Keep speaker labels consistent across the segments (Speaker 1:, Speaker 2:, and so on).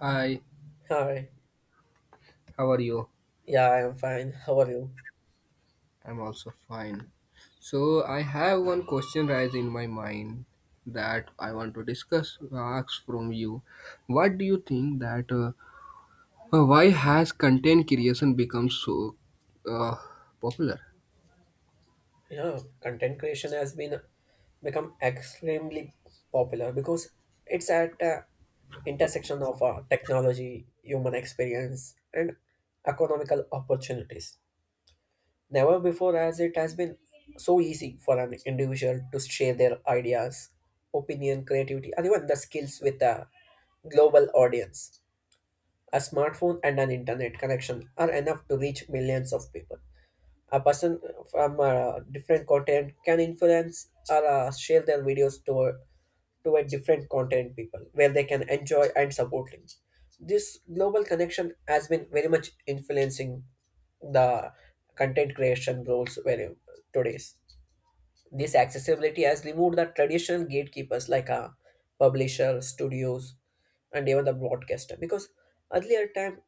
Speaker 1: Hi,
Speaker 2: Hi.
Speaker 1: how are you?
Speaker 2: Yeah, I'm fine. How are you?
Speaker 1: I'm also fine. So I have one question rise in my mind that I want to discuss. Ask from you. What do you think that why has content creation become so uh, popular?
Speaker 2: Yeah, content creation has been become extremely popular because it's at a intersection of technology, human experience, and economical opportunities. Never before as it has been so easy for an individual to share their ideas, opinion, creativity, and even the skills with a global audience. A smartphone and an internet connection are enough to reach millions of people. A person from a different content can influence or share their videos to a different content people where they can enjoy and support them. This global connection has been very much influencing the content creation roles very today's. This accessibility has removed the traditional gatekeepers like publishers, studios, and even the broadcaster. Because earlier time,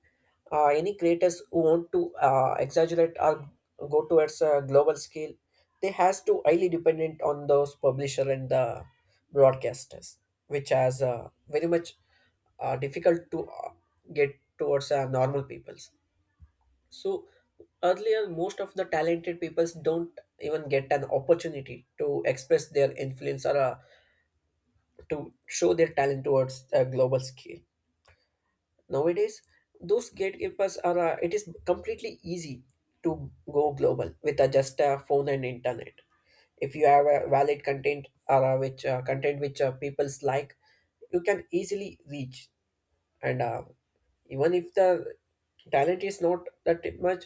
Speaker 2: any creators who want to exaggerate or go towards a global scale, they has to highly dependent on those publisher and the broadcasters, which has very much difficult to get towards normal peoples. So earlier, most of the talented peoples don't even get an opportunity to express their influence or to show their talent towards a global scale. Nowadays, those gatekeepers are. It is completely easy to go global with just a phone and internet. If you have a valid content or which content which peoples like, you can easily reach. And even if the talent is not that much.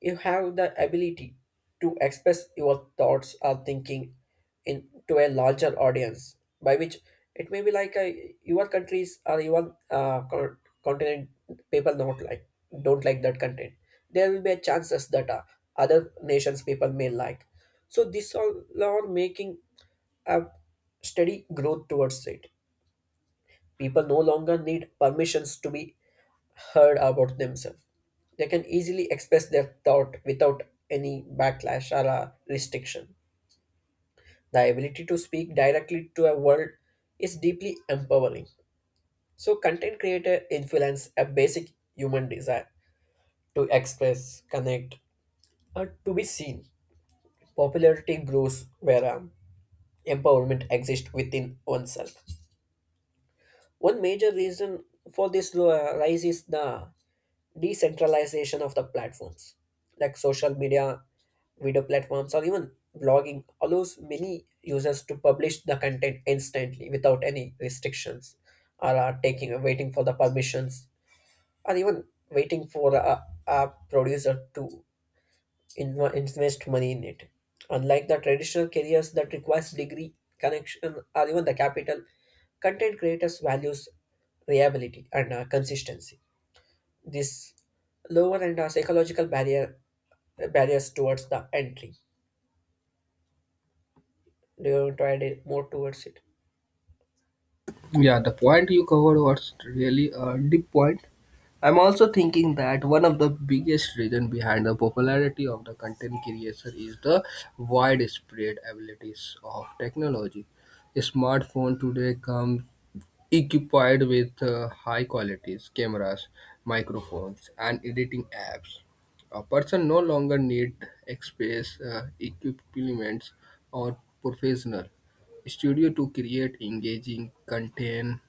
Speaker 2: You have the ability to express your thoughts or thinking in to a larger audience, by which it may be like a, your countries or your continent people not like don't like that content. There will be a chances that other nations people may like. So this all are making a steady growth towards it. People no longer need permissions to be heard about themselves. They can easily express their thought without any backlash or restriction. The ability to speak directly to a world is deeply empowering. So, content creator influence a basic human desire to express, connect, or to be seen. Popularity grows where empowerment exists within oneself. One major reason for this rise is the decentralization of the platforms like social media video platforms or even blogging allows many users to publish the content instantly without any restrictions or are taking waiting for the permissions or even waiting for a producer to invest money in it, unlike the traditional careers that requires degree connection or even the capital content creators values reliability and consistency, this lower and psychological barriers towards the entry. Do you want to add it more towards it?
Speaker 1: Yeah, the point you covered was really a deep point. I'm also thinking that one of the biggest reason behind the popularity of the content creation is the widespread abilities of technology. A smartphone today comes equipped with high qualities cameras, microphones, and editing apps. A person no longer need express equipments or professional studio to create engaging content.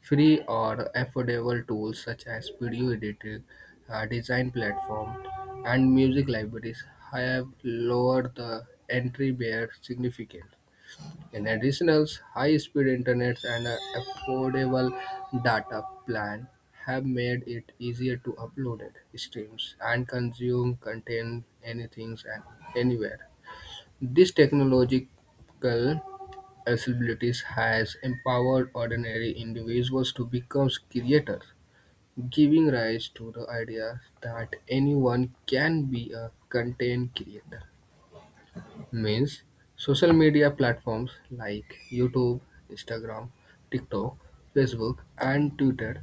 Speaker 1: Free or affordable tools such as video editing, design platform, and music libraries have lowered the entry barrier significantly. In addition, high-speed internet and an affordable data plan have made it easier to upload it streams and consume content anything and anywhere. This technological accessibility has empowered ordinary individuals to become creators, giving rise to the idea that anyone can be a content creator means social media platforms like YouTube, Instagram, TikTok, Facebook, and Twitter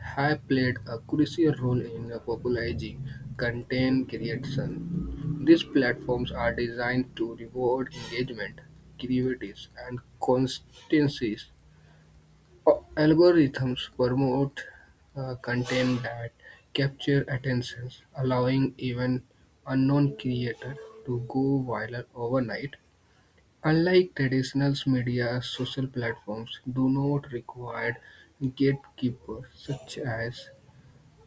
Speaker 1: have played a crucial role in popularizing content creation. These platforms are designed to reward engagement, creativity, and consistencies. Algorithms promote content that capture attention, allowing even unknown creators to go viral overnight. Unlike traditional media, social platforms do not require gatekeepers such as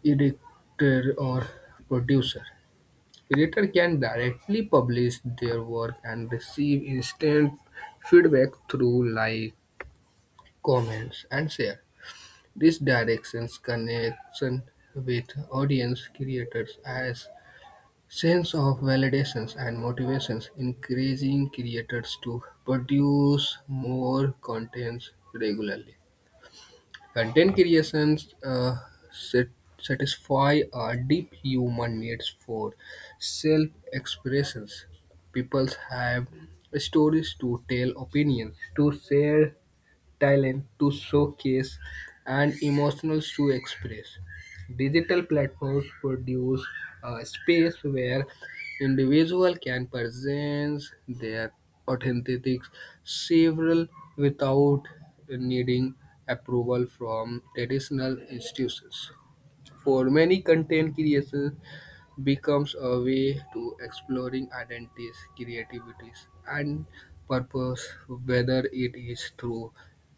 Speaker 1: editor or producer. Creator can directly publish their work and receive instant feedback through like, comments, and share. This directions connects with audience creators as sense of validations and motivations, encouraging creators to produce more contents regularly. Content creations sat- satisfy our deep human needs for self-expressions. People have stories to tell, opinions to share, talent to showcase and emotions to express. Digital platforms produce a space where individuals can present their authentic several without needing approval from traditional institutions. For many content creators, becomes a way to exploring identities, creativities, and purpose, whether it is through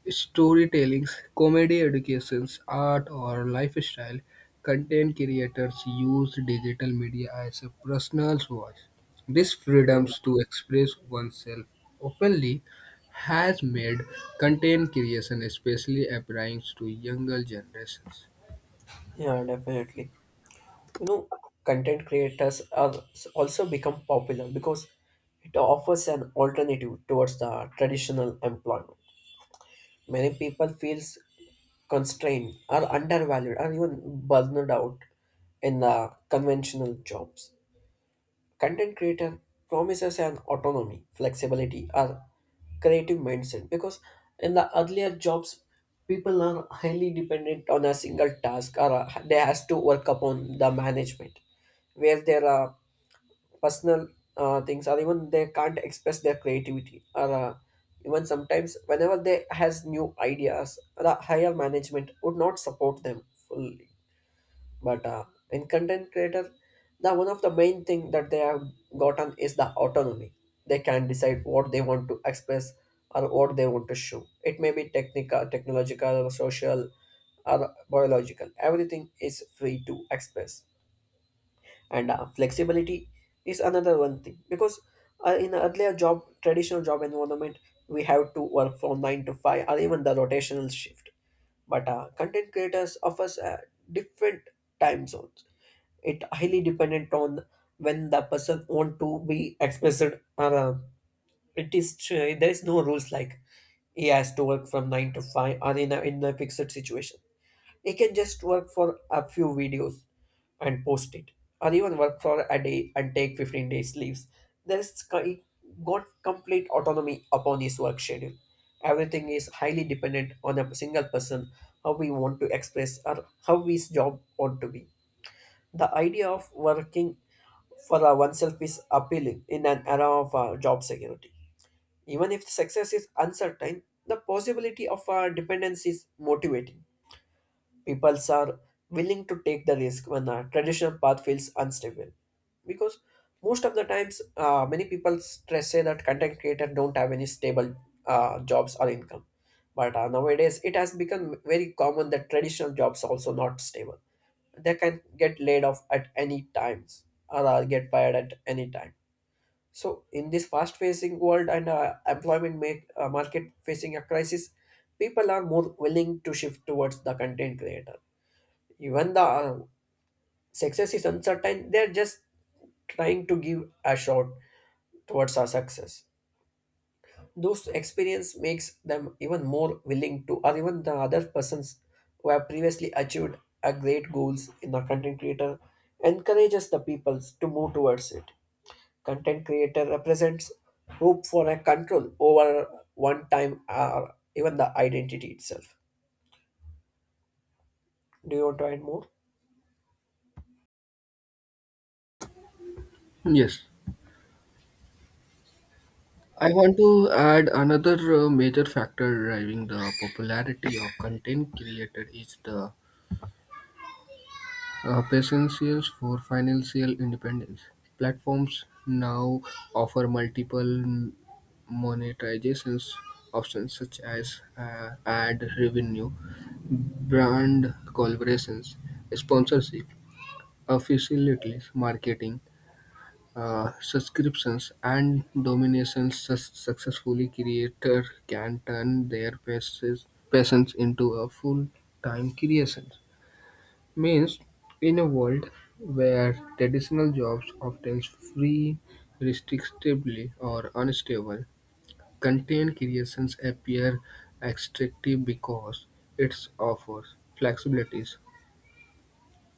Speaker 1: storytelling, comedy educations, art, or lifestyle. Content creators use digital media as a personal voice. This
Speaker 2: Yeah,
Speaker 1: freedoms to express oneself openly has made content creation especially appealing to younger generations.
Speaker 2: yeah, definitely. You know, content creators are also become popular because it offers an alternative towards the traditional employment. Many people feels constrained, are undervalued, or even burned out in the conventional jobs. Content creator promises an autonomy, flexibility, or creative mindset because in the earlier jobs, people are highly dependent on a single task or they has to work upon the management where their personal things or even they can't express their creativity or even sometimes whenever they has new ideas, the higher management would not support them fully. But in content creator, the one of the main thing that they have gotten is the autonomy. They can decide what they want to express or what they want to show. It may be technical technological social or biological, everything is free to express. And flexibility is another one thing because in a earlier job traditional job environment we have to work from 9 to 5 or even the rotational shift. But content creators offers different time zones. It highly dependent on when the person want to be expressed. Or, uh, it is there is no rules like he has to work from nine to five or in a fixed situation. He can just work for a few videos and post it, or even work for a day and take 15 days leaves. There's got complete autonomy upon his work schedule. Everything is highly dependent on a single person, how we want to express or how his job want to be. The idea of working for oneself is appealing in an era of job security. Even if success is uncertain, the possibility of dependence is motivating. People are willing to take the risk when a traditional path feels unstable. Because most of the times, many people stress say that content creators don't have any stable jobs or income. But nowadays, it has become very common that traditional jobs also not stable. They can get laid off at any times or get fired at any time. So, in this fast-facing world and employment make, market facing a crisis, people are more willing to shift towards the content creator. Even the success is uncertain, they're just trying to give a shot towards our success. Those experience makes them even more willing to, or even the other persons who have previously achieved a great goals in the content creator, encourages the peoples to move towards it. Content creator represents hope for a control over one time or even the identity itself. Do you want to add more?
Speaker 1: Yes. I want to add another major factor driving the popularity of content creator is the potentials for financial independence. Platforms now offer multiple monetizations options such as ad revenue, brand collaborations, sponsorship, affiliate marketing, subscriptions and dominations successfully creator can turn their passions into a full-time creation means in a world where traditional jobs often free restrictively or unstable content creations appear attractive because it offers flexibility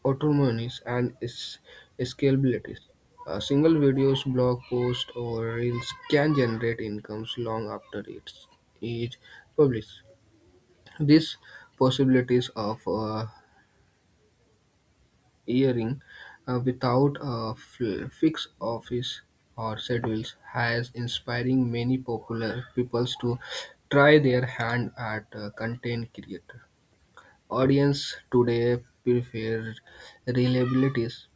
Speaker 1: autonomies and its scalability. A single video's blog post or reels can generate incomes long after it is published. These possibilities of airing without a fixed office or schedules has inspiring many popular peoples to try their hand at content creator. Audience today prefer reliabilities,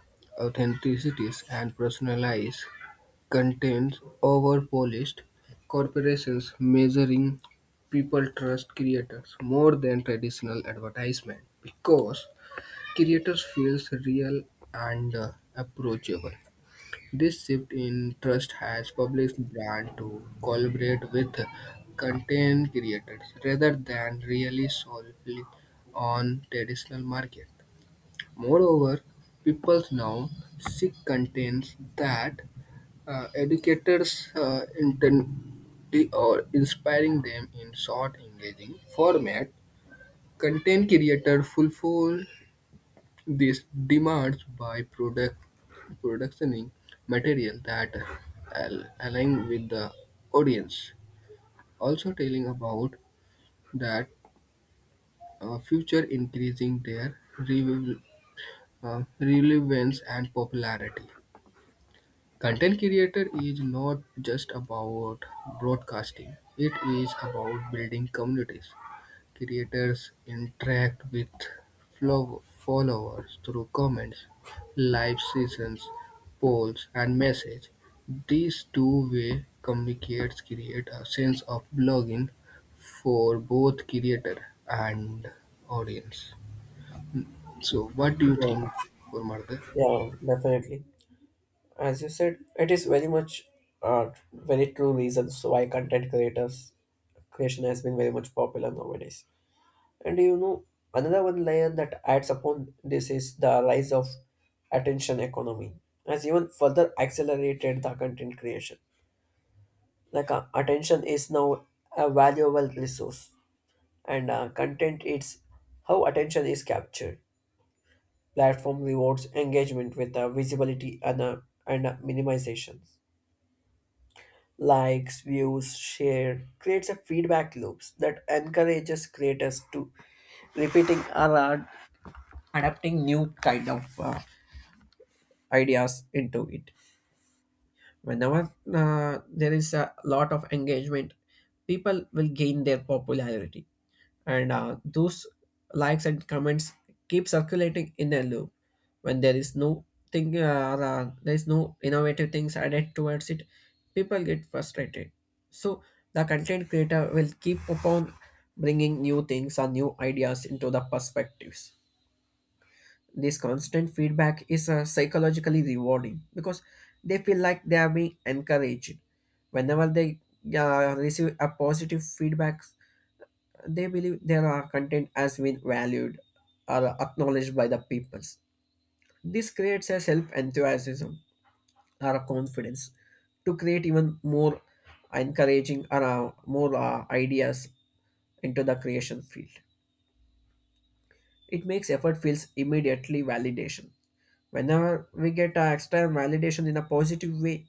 Speaker 1: authenticity, and personalized content over polished corporations measuring people trust creators more than traditional advertisement because creators feels real and approachable. This shift in trust has published brands to collaborate with content creators rather than really solely on traditional market. Moreover, people now seek contents that educators intently or inspiring them in short engaging format. Content creator fulfill this demands by product productioning material that align with the audience. Also telling about that future increasing their relevance and popularity. Content creator is not just about broadcasting. It is about building communities. Creators interact with followers through comments, live sessions, polls, and messages. These two-way communicates create a sense of belonging for both creator and audience. So, what do you
Speaker 2: Yeah,
Speaker 1: think for Martha?
Speaker 2: yeah, definitely. As you said, it is very much very true reasons why content creators creation has been very much popular nowadays. And another one layer that adds upon this is the rise of attention economy has even further accelerated the content creation. Like attention is now a valuable resource, and content it's how attention is captured. Platform rewards engagement with visibility and minimization, likes views share creates a feedback loops that encourages creators to repeating or adapting new kind of ideas into it. Whenever there is a lot of engagement, people will gain their popularity, and those likes and comments keep circulating in a loop. When there is no thing or there is no innovative things added towards it, people get frustrated. So the content creator will keep upon bringing new things or new ideas into the perspectives. This constant feedback is psychologically rewarding because they feel like they are being encouraged. Whenever they receive a positive feedback, they believe their content has been valued or acknowledged by the peoples. This creates a self enthusiasm or a confidence to create even more encouraging or more ideas into the creation field. It makes effort feels immediately validation. Whenever we get external validation in a positive way,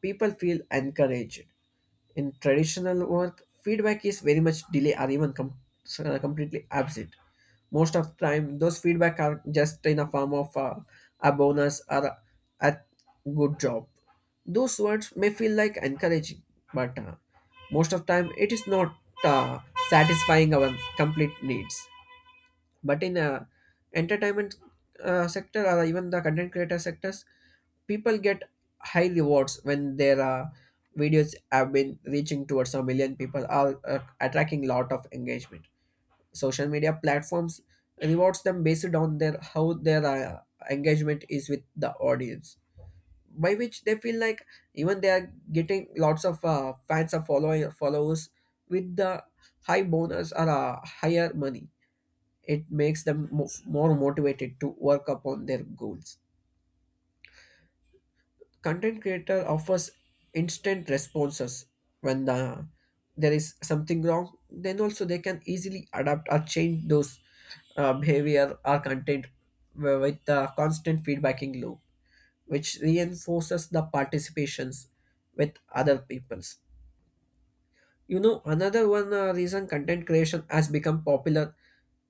Speaker 2: people feel encouraged. In traditional work, feedback is very much delay or even completely absent. Most of the time, those feedback are just in the form of a bonus or a good job. Those words may feel like encouraging, but most of the time it is not uh, satisfying our complete needs. But in entertainment sector or even the content creator sectors, people get high rewards when their videos have been reaching towards a million people are attracting lot of engagement. Social media platforms rewards them based on their how their engagement is with the audience, by which they feel like even they are getting lots of fans or following followers with the high bonus or higher money. It makes them more motivated to work upon their goals. Content creator offers instant responses. When there is something wrong, then also they can easily adapt or change those behavior are content with a constant feedbacking loop, which reinforces the participations with other peoples. Another one reason content creation has become popular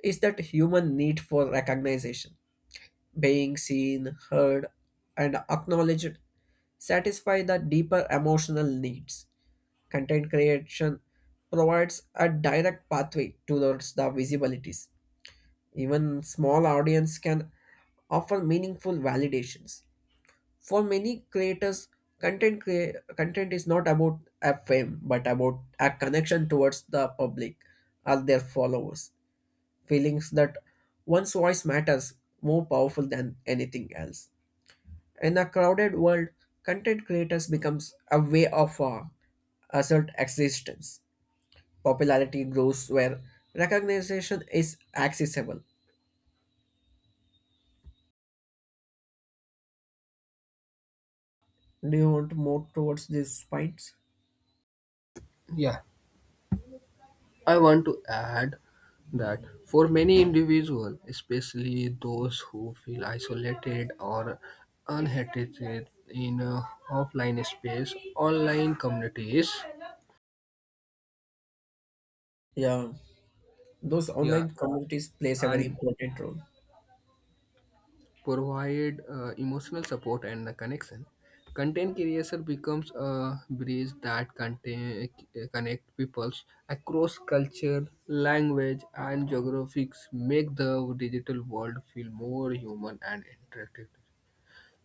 Speaker 2: is that human need for recognition, being seen, heard, and acknowledged satisfy the deeper emotional needs. Content creation provides a direct pathway towards the visibilities. Even small audience can offer meaningful validations. For many creators, content is not about a fame but about a connection towards the public or their followers. Feelings that one's voice matters more powerful than anything else. In a crowded world, content creators becomes a way of assert existence. Popularity grows where recognition is accessible. Do you want more towards these fights?
Speaker 1: Yeah. I want to add that for many individuals, especially those who feel isolated or unhated in a offline space, online communities,
Speaker 2: Yeah, those
Speaker 1: yeah,
Speaker 2: online communities plays a very
Speaker 1: and
Speaker 2: important role.
Speaker 1: provide emotional support and a connection. Content creation becomes a bridge that contain, connect peoples across culture, language, and geographics. Make the digital world feel more human and interactive.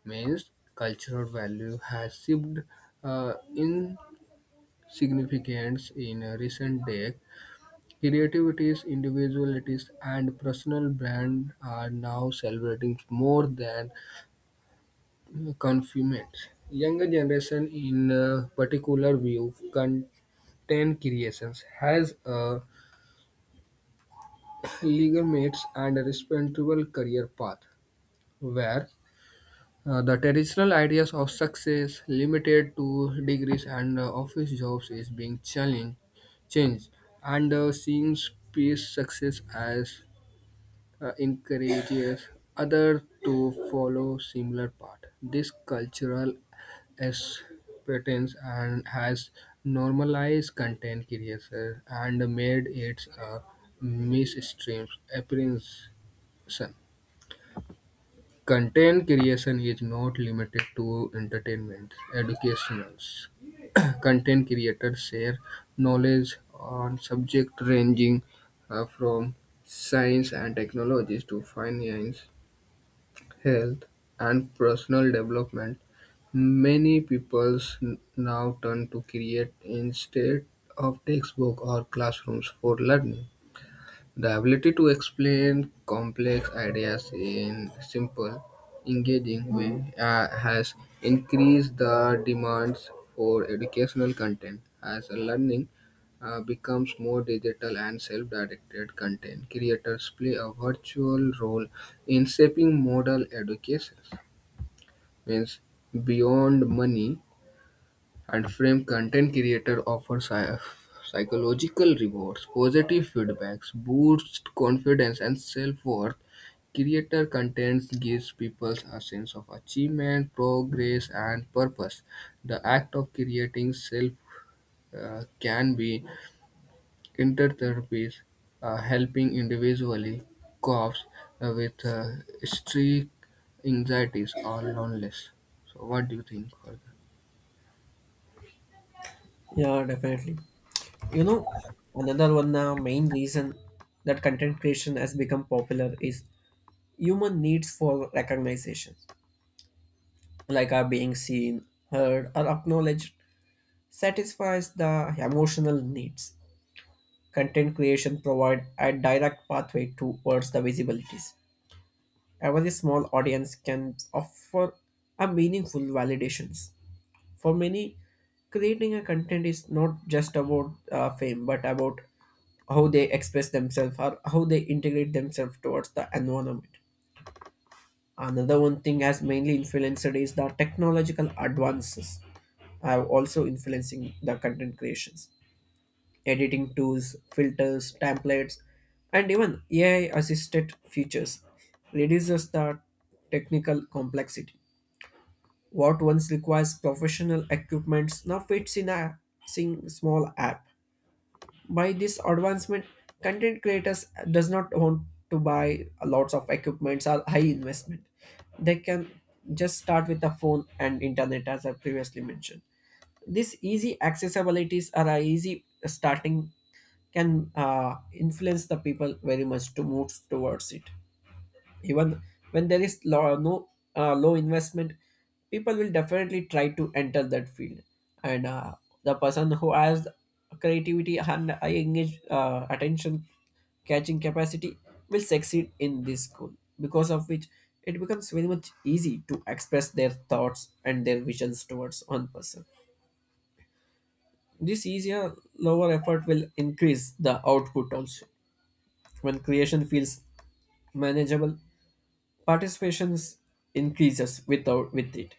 Speaker 1: Means cultural value has shipped in significance in a recent days. Creativities, individualities, and personal brand are now celebrating more than confinements. Younger generation, in particular, view content creations has a legal mates and a respectable career path, where the traditional ideas of success limited to degrees and office jobs is being challenged, changed, and seems peace success as encourages others to follow similar path. This cultural acceptance and has normalized content creation and made it a mainstream appearance. Content creation is not limited to entertainment. Educational content creators share knowledge on subjects ranging from science and technologies to finance, health, and personal development. Many people now turn to create instead of textbook or classrooms for learning. The ability to explain complex ideas in simple, engaging way has increased the demands for educational content. As learning becomes more digital and self-directed, content creators play a virtual role in shaping model educations. Means beyond money, and frame content creator offer psychological rewards positive feedbacks boost confidence and self-worth creator content gives people a sense of achievement progress and purpose the act of creating self can be intertherapist helping individually cope with strict anxieties or loneliness so what do you think for that?
Speaker 2: Yeah, definitely. You know, another one main reason that content creation has become popular is human needs for recognition, like are being seen, heard, or acknowledged, satisfies the emotional needs. Content creation provide a direct pathway towards the visibilities. A very small audience can offer a meaningful validations. For many, creating a content is not just about fame, but about how they express themselves or how they integrate themselves towards the environment. Another one thing has mainly influenced is the technological advances are also influencing the content creations. Editing tools, filters, templates, and even AI assisted features reduces the technical complexity. What once requires professional equipment now fits in a small app. By this advancement, content creators does not want to buy lots of equipments or high investment. They can just start with a phone and internet as I previously mentioned. These easy accessibilities are a easy starting can influence the people very much to move towards it even when there is low, no low investment people will definitely try to enter that field and the person who has creativity and I engage attention catching capacity will succeed in this school, because of which it becomes very much easy to express their thoughts and their visions towards one person. This easier lower effort will increase the output also when creation feels manageable. Participations increases without with it.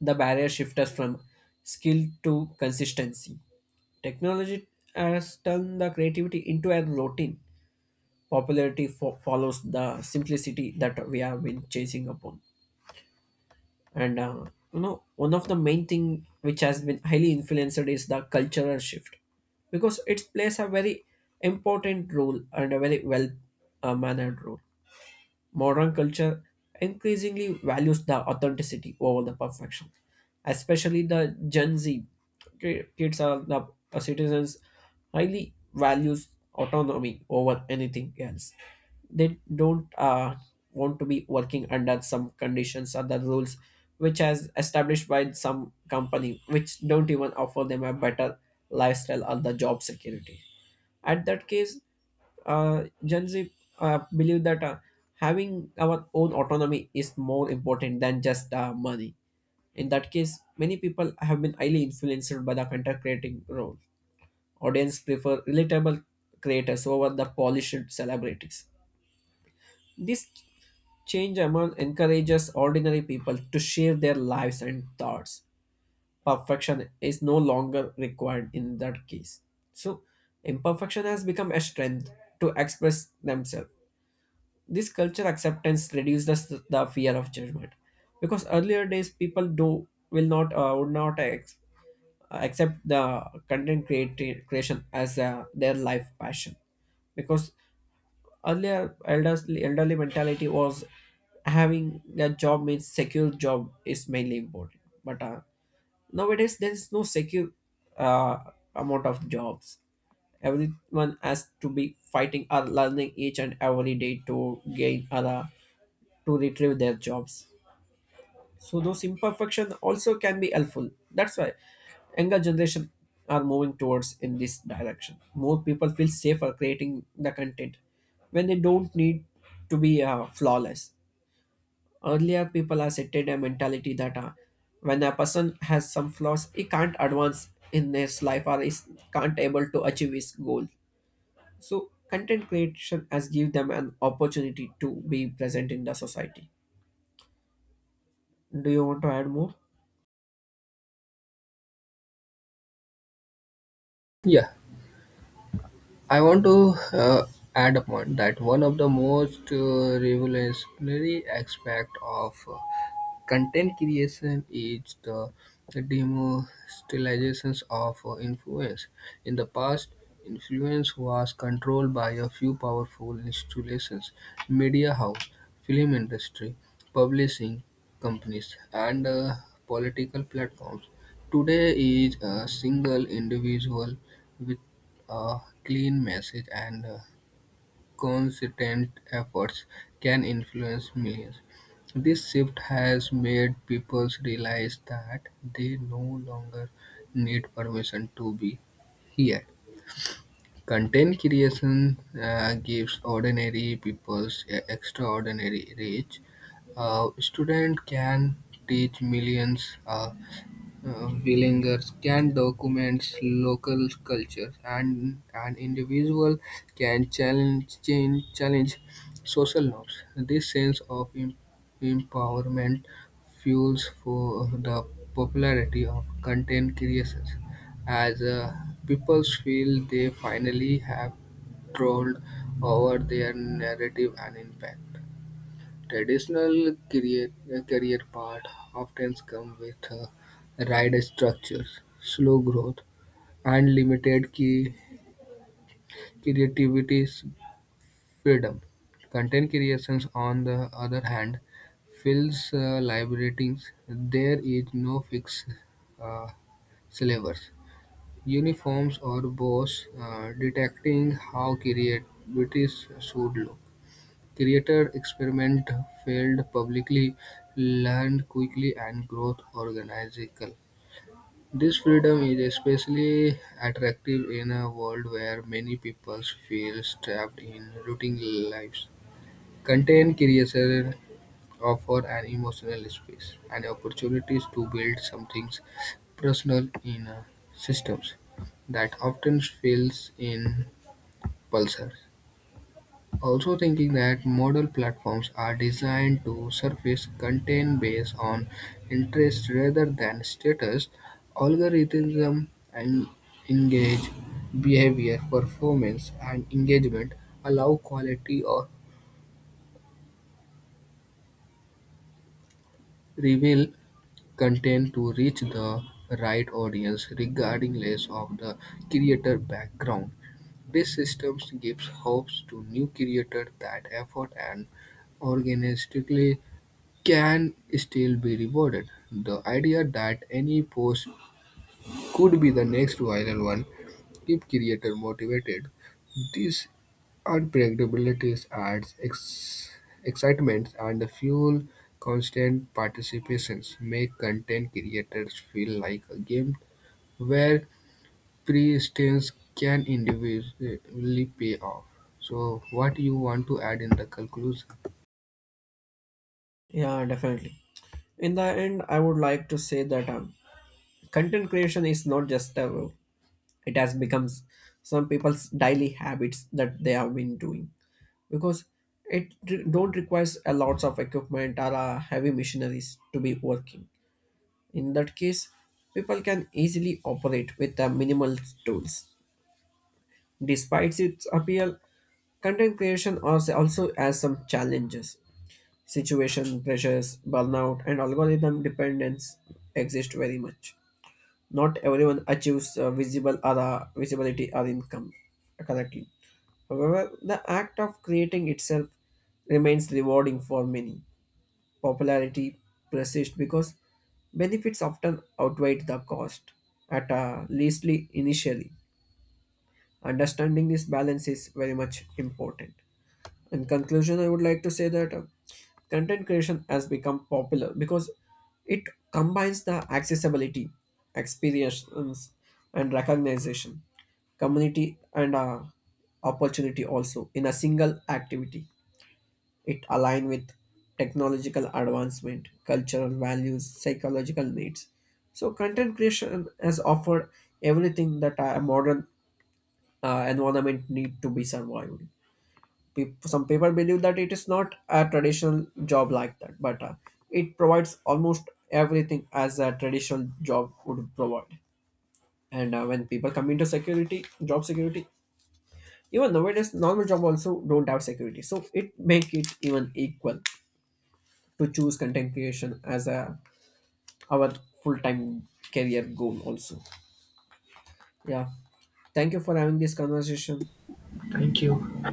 Speaker 2: The barrier shifts from skill to consistency. Technology has turned the creativity into a routine. Popularity follows the simplicity that we have been chasing upon. And uh, One of the main thing which has been highly influenced is the cultural shift, because it plays a very important role and a very well, mannered role. Modern culture increasingly values the authenticity over the perfection, especially the Gen Z kids are the citizens highly values autonomy over anything else. They don't want to be working under some conditions or the rules which has established by some company which don't even offer them a better lifestyle or the job security. At that case, Gen Z believe that having our own autonomy is more important than just money. In that case, many people have been highly influenced by the content creating role. Audience prefer relatable creators over the polished celebrities. This change among encourages ordinary people to share their lives and thoughts. Perfection is no longer required in that case. So, imperfection has become a strength to express themselves. This culture acceptance reduces the fear of judgment, because earlier days people do will not, would not accept the creation as their life passion, because earlier elderly mentality was having a job means secure job is mainly important, but nowadays there is no secure, uh, amount of jobs, everyone has to be fighting or learning each and every day to gain other to retrieve their jobs. So those imperfection also can be helpful. That's why younger generation are moving towards in this direction. More people feel safer creating the content when they don't need to be flawless. Earlier, people accepted a mentality that when a person has some flaws, he can't advance in his life or is can't able to achieve his goal. So, content creation has give them an opportunity to be present in the society. Do you want to add more?
Speaker 1: Yeah, I want to add a point that one of the most revolutionary aspect of content creation is the democratization of influence. In the past, influence was controlled by a few powerful institutions, media house, film industry, publishing companies, and political platforms. Today is a single individual with a clean message and consistent efforts can influence millions. This shift has made people realize that they no longer need permission to be here. Content creation gives ordinary people extraordinary reach. A student can teach millions. Willingers can document local cultures, and an individual can challenge social norms. This sense of empowerment fuels for the popularity of content creations, as people feel they finally have control over their narrative and impact. Traditional career, career paths often come with rigid structures, slow growth, and limited key creativity's freedom. Content creations, on the other hand, feels liberating. There is no fixed uh, syllabus, uniforms, or boss detecting how creativity should look. Created experiment failed publicly, learned quickly, and growth organically. This freedom is especially attractive in a world where many people feel trapped in routine lives. Content creation offer an emotional space and opportunities to build something personal in systems that often fails in pulsar. Also thinking that model platforms are designed to surface content based on interest rather than status, algorithms and engage behavior, performance, and engagement allow quality or reveal content to reach the right audience regarding less of the creator background. This system gives hopes to new creators that effort and organically can still be rewarded. The idea that any post could be the next viral one keep creator motivated. These unpredictabilities adds excitement and fuel constant participations make content creators feel like a game where persistence can individually pay off. So what you want to add in the conclusion?
Speaker 2: Yeah, definitely. In the end, I would like to say that content creation is not just a role. It has become some people's daily habits that they have been doing, because it don't requires a lots of equipment or heavy machineries to be working. In that case, people can easily operate with the minimal tools. Despite its appeal, content creation also has some challenges. Situation, pressures, burnout, and algorithm dependence exist very much. Not everyone achieves visible or visibility or income correctly. However, the act of creating itself remains rewarding for many. Popularity persists because benefits often outweigh the cost, at leastly initially. Understanding this balance is very much important. In conclusion, I would like to say that content creation has become popular because it combines the accessibility, experience, and recognition, community, and opportunity also in a single activity. It aligns with technological advancement, cultural values, psychological needs. So, content creation has offered everything that a modern environment need to be survived. Peop some people believe that it is not a traditional job like that, but it provides almost everything as a traditional job would provide. And When people come into security, job security, even nowadays normal job also don't have security, so it make it even equal to choose content creation as a our full time career goal also. Yeah, thank you for having this conversation.
Speaker 1: Thank you.